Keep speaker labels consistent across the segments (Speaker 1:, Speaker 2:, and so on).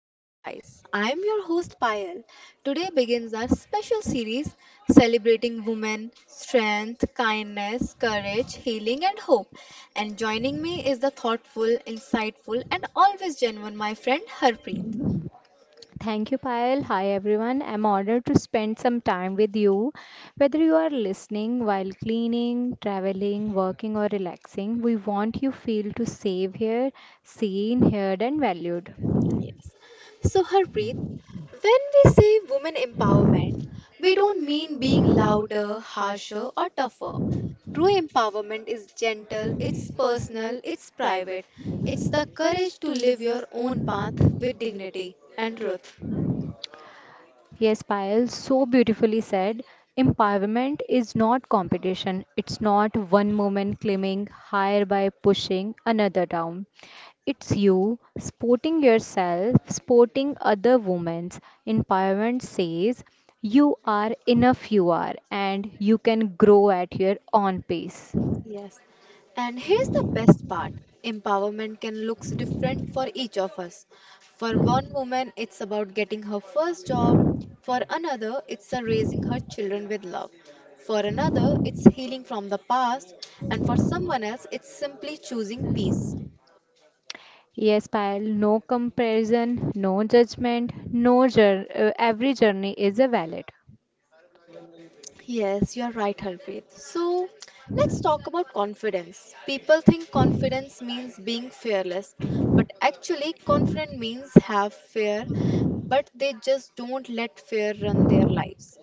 Speaker 1: Women Rise. I am your host Payal. Today begins our special series celebrating women, strength, kindness, courage, healing, and hope. And joining me is the thoughtful, insightful, and always genuine my friend Harpreet.
Speaker 2: Thank you, Payal. Hi, everyone. I'm honored to spend some time with you. Whether you are listening while cleaning, traveling, working, or relaxing, we want you feel to save here, seen, heard, and valued.
Speaker 1: Yes. So, Harpreet, when we say women empowerment, we don't mean being louder, harsher, or tougher. True empowerment is gentle, it's personal, it's private. It's the courage to live your own path with dignity and truth.
Speaker 2: Yes, Payal, so beautifully said. Empowerment is not competition. It's not one moment claiming higher by pushing another down. It's you sporting yourself, sporting other women's empowerment says you are enough, you are, and you can grow at your own pace.
Speaker 1: Yes. And here's the best part, empowerment can look different for each of us. For one woman, it's about getting her first job. For another, it's a raising her children with love. For another, it's healing from the past. And for someone else, it's simply choosing peace.
Speaker 2: Yes, Payal, no comparison, no judgment, no jour- every journey is a valid.
Speaker 1: Yes, you're right, Harpreet. So let's talk about confidence. People think confidence means being fearless, but actually, confident means have fear, but they just don't let fear run their lives.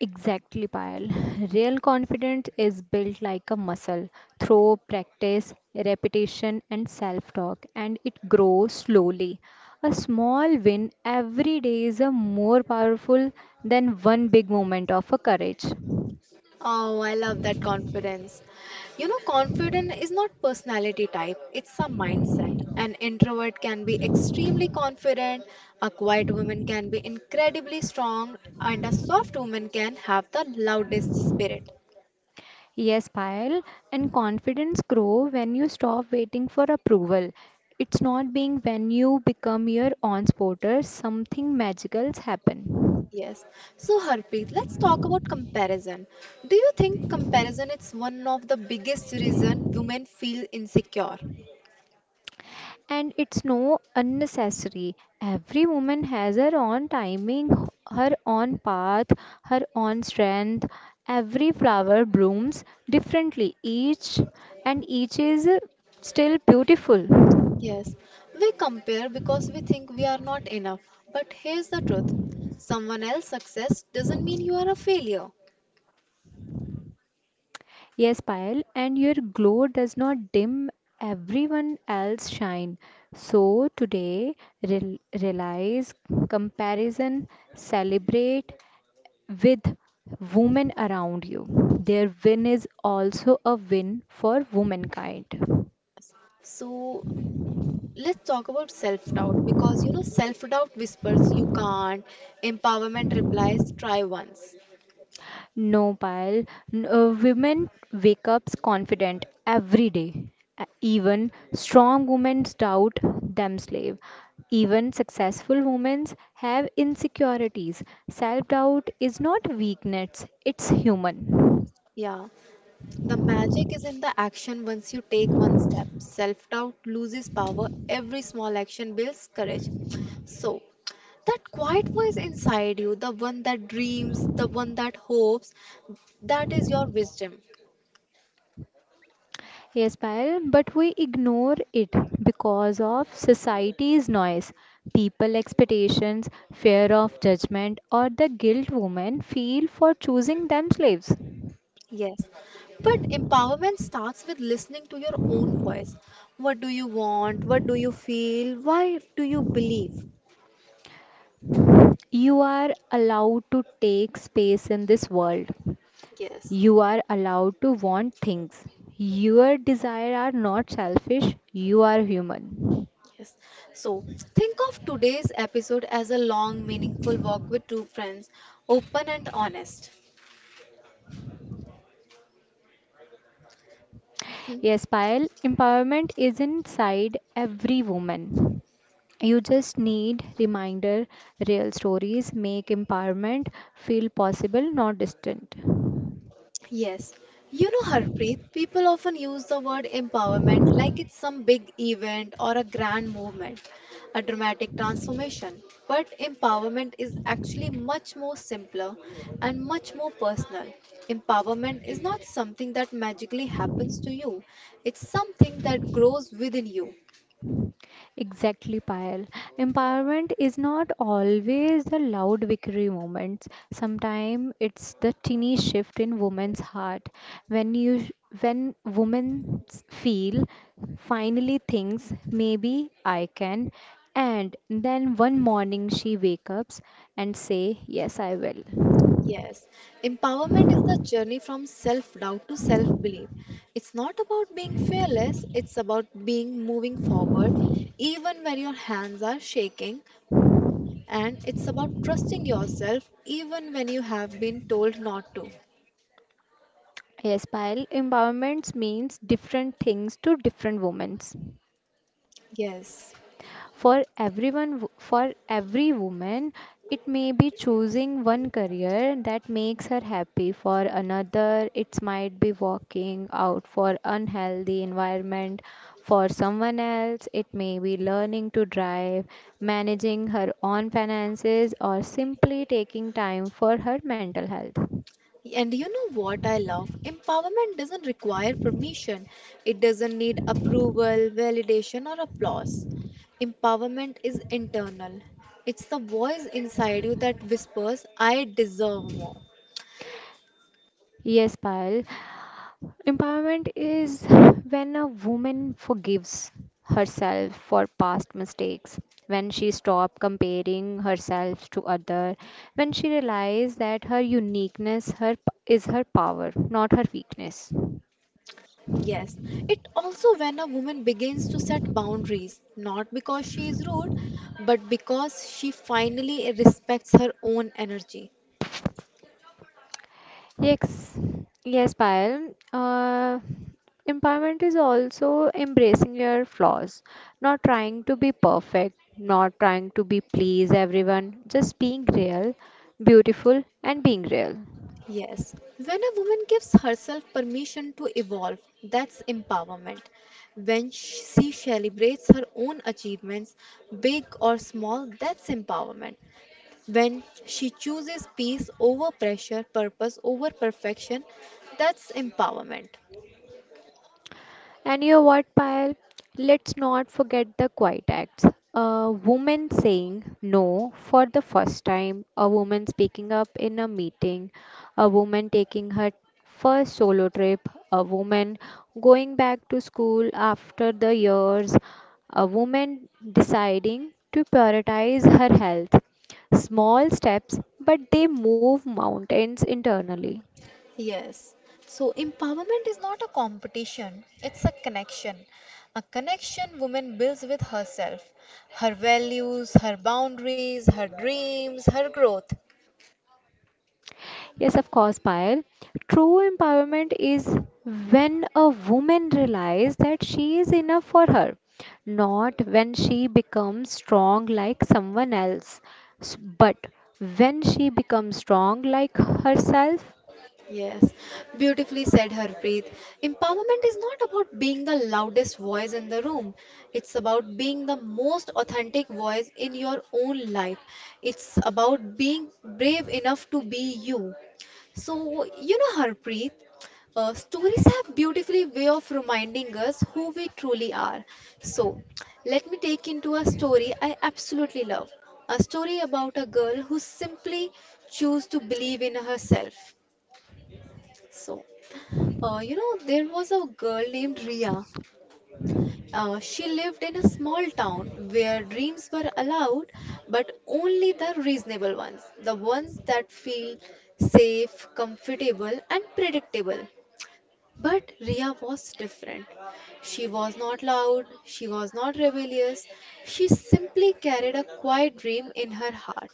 Speaker 2: Exactly, Payal. Real confidence is built like a muscle through practice, repetition, and self talk, and it grows slowly. A small win every day is a more powerful than one big moment of a courage.
Speaker 1: Oh, I love that confidence. You know, confident is not personality type, it's a mindset. An introvert can be extremely confident, a quiet woman can be incredibly strong, and a soft woman can have the loudest spirit.
Speaker 2: Yes, Payal, and confidence grow when you stop waiting for approval. It's not being when you become your own supporter, something magical happen.
Speaker 1: Yes. So, Harpreet, let's talk about comparison. Do you think comparison is one of the biggest reason women feel insecure?
Speaker 2: And it's no unnecessary. Every woman has her own timing, her own path, her own strength. Every flower blooms differently, each and each is still beautiful.
Speaker 1: Yes, we compare because we think we are not enough. But here's the truth. Someone else's success doesn't mean you are a failure.
Speaker 2: Yes, Payal, and your glow does not dim everyone else's shine. So today, rel- realize comparison, celebrate with women around you. Their win is also a win for womankind.
Speaker 1: So let's talk about self-doubt because you know self-doubt whispers you can't, empowerment replies try once.
Speaker 2: No, Payal, n- Women wake up confident every day. Even strong women doubt themselves. Even successful women have insecurities. Self doubt is not weakness, it's human.
Speaker 1: Yeah. The magic is in the action once you take one step. Self doubt loses power, every small action builds courage. So, that quiet voice inside you, the one that dreams, the one that hopes, that is your wisdom.
Speaker 2: Yes, Payal, but we ignore it because of society's noise, people expectations, fear of judgment, or the guilt women feel for choosing themselves.
Speaker 1: Yes. But empowerment starts with listening to your own voice. What do you want? What do you feel? Why do you believe?
Speaker 2: You are allowed to take space in this world.
Speaker 1: Yes.
Speaker 2: You are allowed to want things. Your desire are not selfish. You are human.
Speaker 1: Yes. So think of today's episode as a long, meaningful walk with two friends, open and honest. Hmm.
Speaker 2: Yes, Payal, empowerment is inside every woman. You just need reminder real stories make empowerment feel possible, not distant.
Speaker 1: Yes. You know, Harpreet, people often use the word empowerment like it's some big event or a grand movement, a dramatic transformation. But empowerment is actually much more simpler and much more personal. Empowerment is not something that magically happens to you, it's something that grows within you.
Speaker 2: Exactly, Payal. Empowerment is not always the loud victory moments. Sometimes it's the tiny shift in woman's heart. When you when women feel finally thinks maybe I can, and then one morning she wakes up and say yes I will.
Speaker 1: Yes, empowerment is the journey from self doubt to self belief. It's not about being fearless, it's about being moving forward even when your hands are shaking, and it's about trusting yourself even when you have been told not to.
Speaker 2: Yes, Payal, empowerment means different things to different women.
Speaker 1: Yes.
Speaker 2: For every woman, it may be choosing one career that makes her happy. For another, it might be walking out for unhealthy environment. For someone else, it may be learning to drive, managing her own finances, or simply taking time for her mental health.
Speaker 1: And you know what I love? Empowerment doesn't require permission. It doesn't need approval, validation, or applause. Empowerment is internal. It's the voice inside you that whispers, I deserve more.
Speaker 2: Yes, Payal. Empowerment is when a woman forgives herself for past mistakes, when she stops comparing herself to others, when she realizes that her uniqueness her, is her power, not her weakness.
Speaker 1: Yes, it also when a woman begins to set boundaries, not because she is rude, but because she finally respects her own energy.
Speaker 2: Yes, yes, Payal. Empowerment is also embracing your flaws, not trying to be perfect, not trying to be please everyone, just being real, beautiful, and being real.
Speaker 1: Yes, when a woman gives herself permission to evolve, that's empowerment. When she celebrates her own achievements, big or small, that's empowerment. When she chooses peace over pressure, purpose over perfection, that's empowerment.
Speaker 2: And you know what, Payal? Let's not forget the quiet acts. A woman saying no for the first time, a woman speaking up in a meeting, a woman taking her first solo trip, a woman going back to school after the years, a woman deciding to prioritize her health. Small steps, but they move mountains internally.
Speaker 1: Yes. So empowerment is not a competition, it's a connection. A connection woman builds with herself, her values, her boundaries, her dreams, her growth.
Speaker 2: Yes, of course, Payal. True empowerment is when a woman realizes that she is enough for her, not when she becomes strong like someone else, but when she becomes strong like herself.
Speaker 1: Yes, beautifully said Harpreet. Empowerment is not about being the loudest voice in the room. It's about being the most authentic voice in your own life. It's about being brave enough to be you. So, you know, Harpreet, stories have beautifully way of reminding us who we truly are. So, let me take into a story I absolutely love. A story about a girl who simply chose to believe in herself. So, you know, there was a girl named Ria. She lived in a small town where dreams were allowed, but only the reasonable ones, the ones that feel safe, comfortable, and predictable. But Ria was different. She was not loud, she was not rebellious, she simply carried a quiet dream in her heart,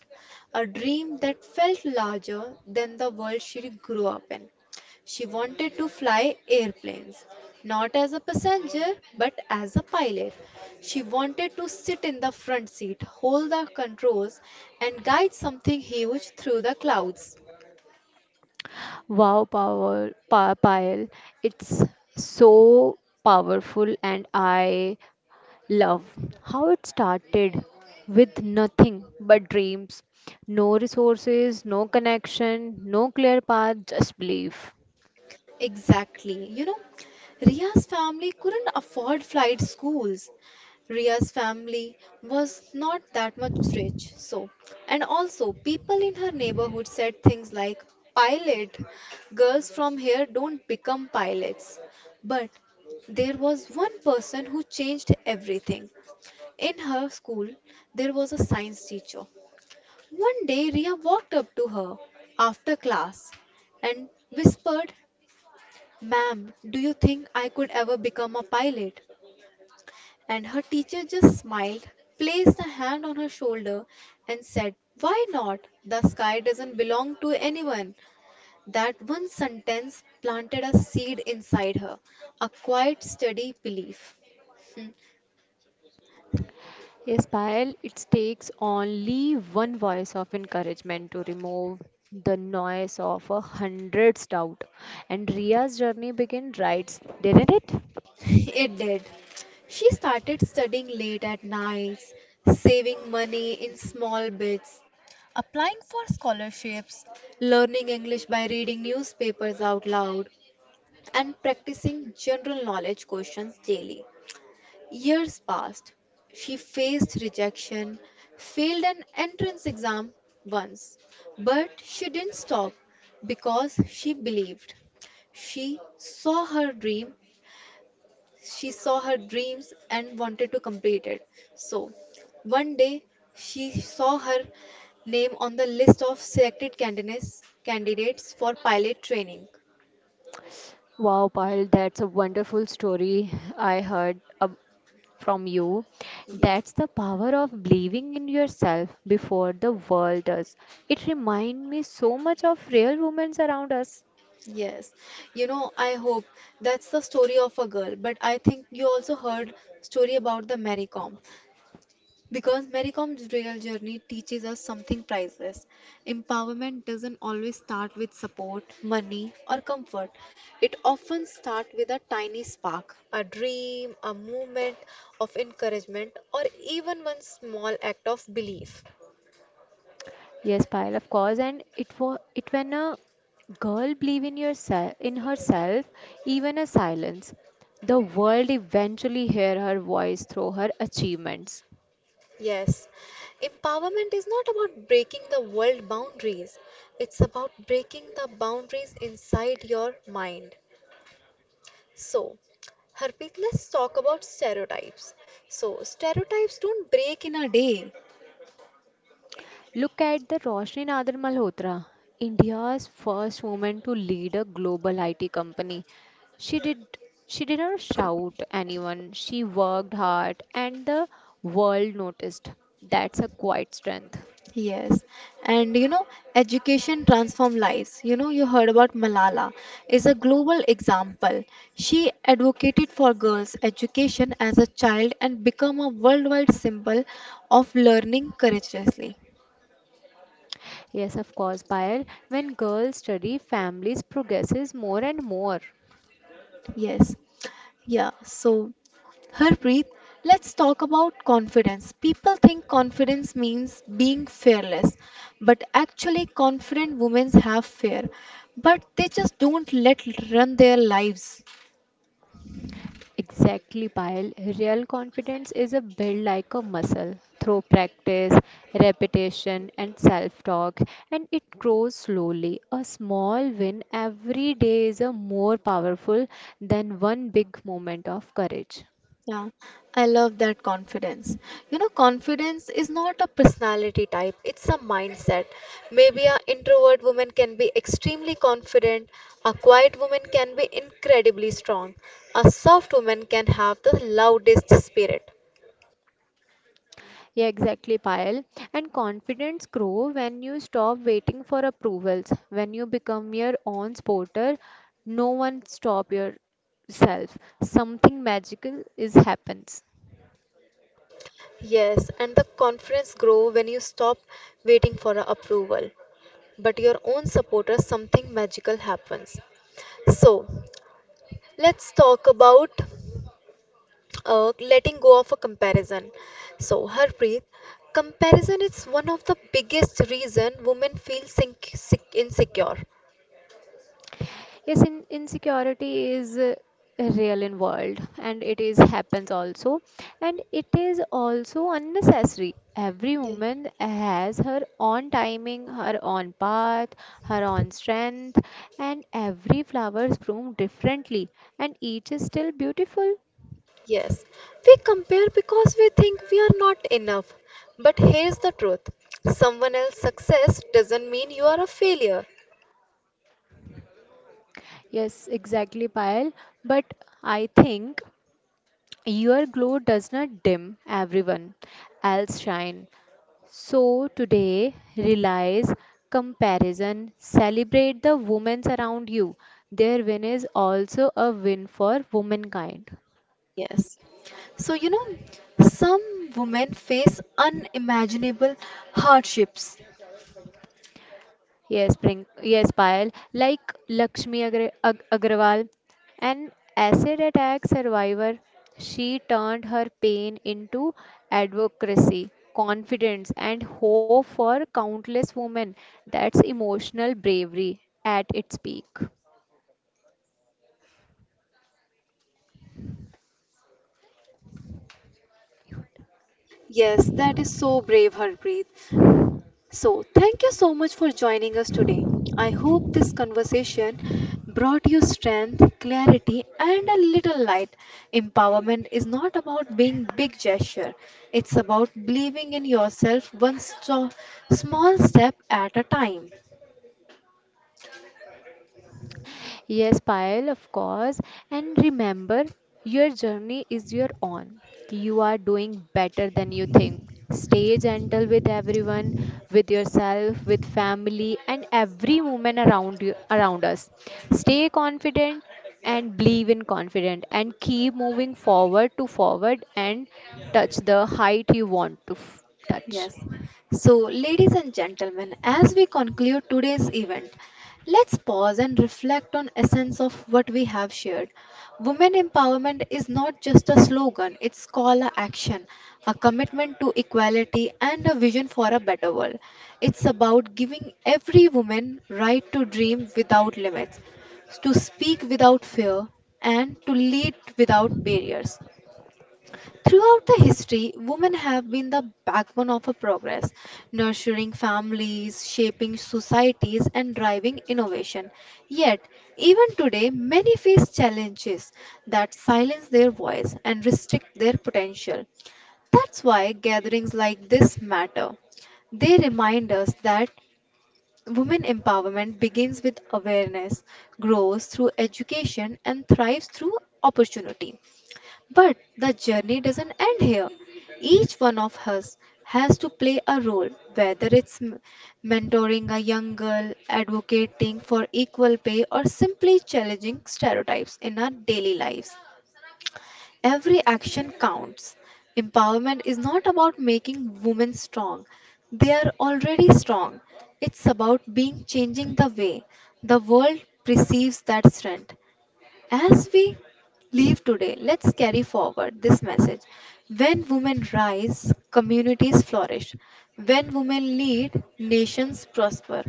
Speaker 1: a dream that felt larger than the world she grew up in. She wanted to fly airplanes, not as a passenger but as a pilot. She wanted to sit in the front seat, hold the controls, and guide something huge through the clouds.
Speaker 2: Payal, it's so powerful, and I Love, how it started with nothing but dreams, no resources, no connection, no clear path, just belief.
Speaker 1: Exactly. You know, Ria's family couldn't afford flight schools. Ria's family was not that much rich. So, and also people in her neighborhood said things like, pilot, girls from here don't become pilots. But there was one person who changed everything. In her school, there was a science teacher. One day, Ria walked up to her after class and whispered, Ma'am, do you think I could ever become a pilot? And her teacher just smiled, placed a hand on her shoulder, and said, why not? The sky doesn't belong to anyone. That one sentence planted a seed inside her, a quiet, steady belief. Hmm.
Speaker 2: Yes, Payal, it takes only one voice of encouragement to remove the noise of a hundred's doubt. And Ria's journey began right, didn't it?
Speaker 1: It did. She started studying late at nights, saving money in small bits, applying for scholarships, learning English by reading newspapers out loud, and practicing general knowledge questions daily. Years passed. She faced rejection, failed an entrance exam once, but she didn't stop because she believed. She saw her dream she saw her dreams and wanted to complete it. So, one day she saw her name on the list of selected candidates for pilot training.
Speaker 2: Wow, Payal, that's a wonderful story I heard ab- from you.
Speaker 1: Ye-
Speaker 2: That's the power of believing in yourself before the world does. It reminds me so much of real women around us.
Speaker 1: Yes. You know, I hope that's the story of a girl, but I think you also heard story about the Mary Kom. Because Marycom's real journey teaches us something priceless. Empowerment doesn't always start with support, money, or comfort. It often starts with a tiny spark, a dream, a movement of encouragement, or even one small act of belief.
Speaker 2: Yes, Payal, of course. And it was it when a girl believe in yourself in herself, even a silence. The world eventually hear her voice through her achievements.
Speaker 1: Yes, empowerment is not about breaking the world boundaries, it's about breaking the boundaries inside your mind. So, Harpreet, let's talk about stereotypes. So, stereotypes don't break in a day.
Speaker 2: Look at the Roshni Nadar Malhotra, India's first woman to lead a global IT company. She did she did not shout anyone. She worked hard and the world noticed. That's a quiet strength.
Speaker 1: Yes, and you know, education transform lives. You know, you heard about Malala is a global example. She advocated for girls' education as a child and become a worldwide symbol of learning courageously.
Speaker 2: Yes, of course, Payal. When girls study, families progresses more and more.
Speaker 1: Yes. Yeah, so Harpreet, let's talk about confidence. People think confidence means being fearless, but actually, confident women have fear, but they just don't let run their lives.
Speaker 2: Exactly, Payal. Real confidence is a built like a muscle through practice, repetition, and self talk, and it grows slowly. A small win every day is a more powerful than one big moment of courage.
Speaker 1: Yeah, I love that confidence. You know, confidence is not a personality type, it's a mindset. Maybe an introvert woman can be extremely confident, a quiet woman can be incredibly strong, a soft woman can have the loudest spirit.
Speaker 2: Yeah, exactly, Payal. And confidence grow when you stop waiting for approvals. When you become your own supporter, no one stop yourself. Something magical is happens.
Speaker 1: Yes, and the confidence grow when you stop waiting for a approval. But your own supporters, something magical happens. So, let's talk about letting go of a comparison. So, Harpreet, comparison is one of the biggest reason women feel insecure.
Speaker 2: Insecurity is real in world and it is happens also, and it is also unnecessary. Every
Speaker 1: Yeah.
Speaker 2: woman has her own timing, her own path, her own strength, and every flower is bloomed differently and each is still beautiful.
Speaker 1: Yes, we compare because we think we are not enough. But here's the truth: someone else's success doesn't mean you are a failure.
Speaker 2: Yes, exactly, Payal. But I think your glow does not dim, everyone else shine. So today, realize comparison, celebrate the women around you. Their win is also a win for womankind.
Speaker 1: Yes. So, you know, some women face unimaginable hardships.
Speaker 2: Yes, Prink. Yes, Payal. Like Agrawal, an acid attack survivor, she turned her pain into advocacy, confidence, and hope for countless women. That's emotional bravery at its peak.
Speaker 1: Yes, that is so brave, Harpreet. So, thank you so much for joining us today. I hope this conversation brought you strength, clarity, and a little light. Empowerment is not about being big gesture. It's about believing in yourself small step at a time.
Speaker 2: Yes, Payal, of course. And remember, your journey is your own. You are doing better than you think. Stay gentle with everyone, with yourself, with family, and every woman around you, around us. Stay confident and believe in confident and keep moving forward and touch the height you want to touch.
Speaker 1: Yes. So, ladies and gentlemen, as we conclude today's event, let's pause and reflect on essence of what we have shared. Women empowerment is not just a slogan, it's call a action, a commitment to equality and a vision for a better world. It's about giving every woman right to dream without limits, to speak without fear and to lead without barriers. Throughout the history, women have been the backbone of a progress, nurturing families, shaping societies, and driving innovation. Yet, even today, many face challenges that silence their voice and restrict their potential. That's why gatherings like this matter. They remind us that women empowerment begins with awareness, grows through education, and thrives through opportunity. But the journey doesn't end here. Each one of us has to play a role, whether it's mentoring a young girl, advocating for equal pay, or simply challenging stereotypes in our daily lives. Every action counts. Empowerment is not about making women strong, they are already strong. It's about being changing the way the world perceives that strength. As we leave today, let's carry forward this message. When women rise, communities flourish. When women lead, nations prosper.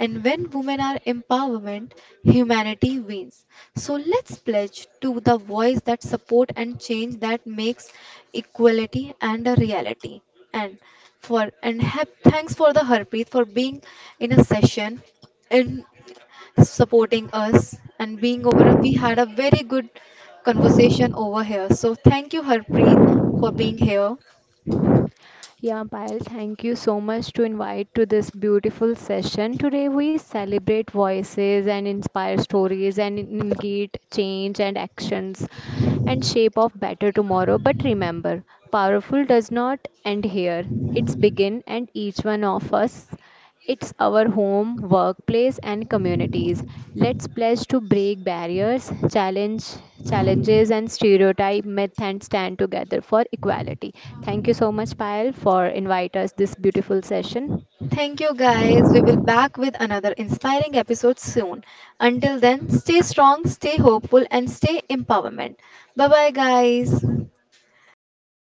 Speaker 1: And when women are empowerment, humanity wins. So let's pledge to the voice that support and change that makes equality and a reality. And for and have, thanks for the Harpreet for being in a session in supporting us and being over. We had a very good conversation over here. So thank you, Harpreet, for being here.
Speaker 2: Yeah, Payal, thank you so much to invite to this beautiful session. Today we celebrate voices and inspire stories and engage change and actions and shape of better tomorrow. But remember, powerful does not end here. It's begin and each one of us. It's our home, workplace, and communities. Let's pledge to break barriers, challenge challenges, and stereotype myth, and stand together for equality. Thank you so much, Payal, for invite us this beautiful session.
Speaker 1: Thank you, guys. We will back with another inspiring episode soon. Until then, stay strong, stay hopeful, and stay empowerment. Bye bye, guys.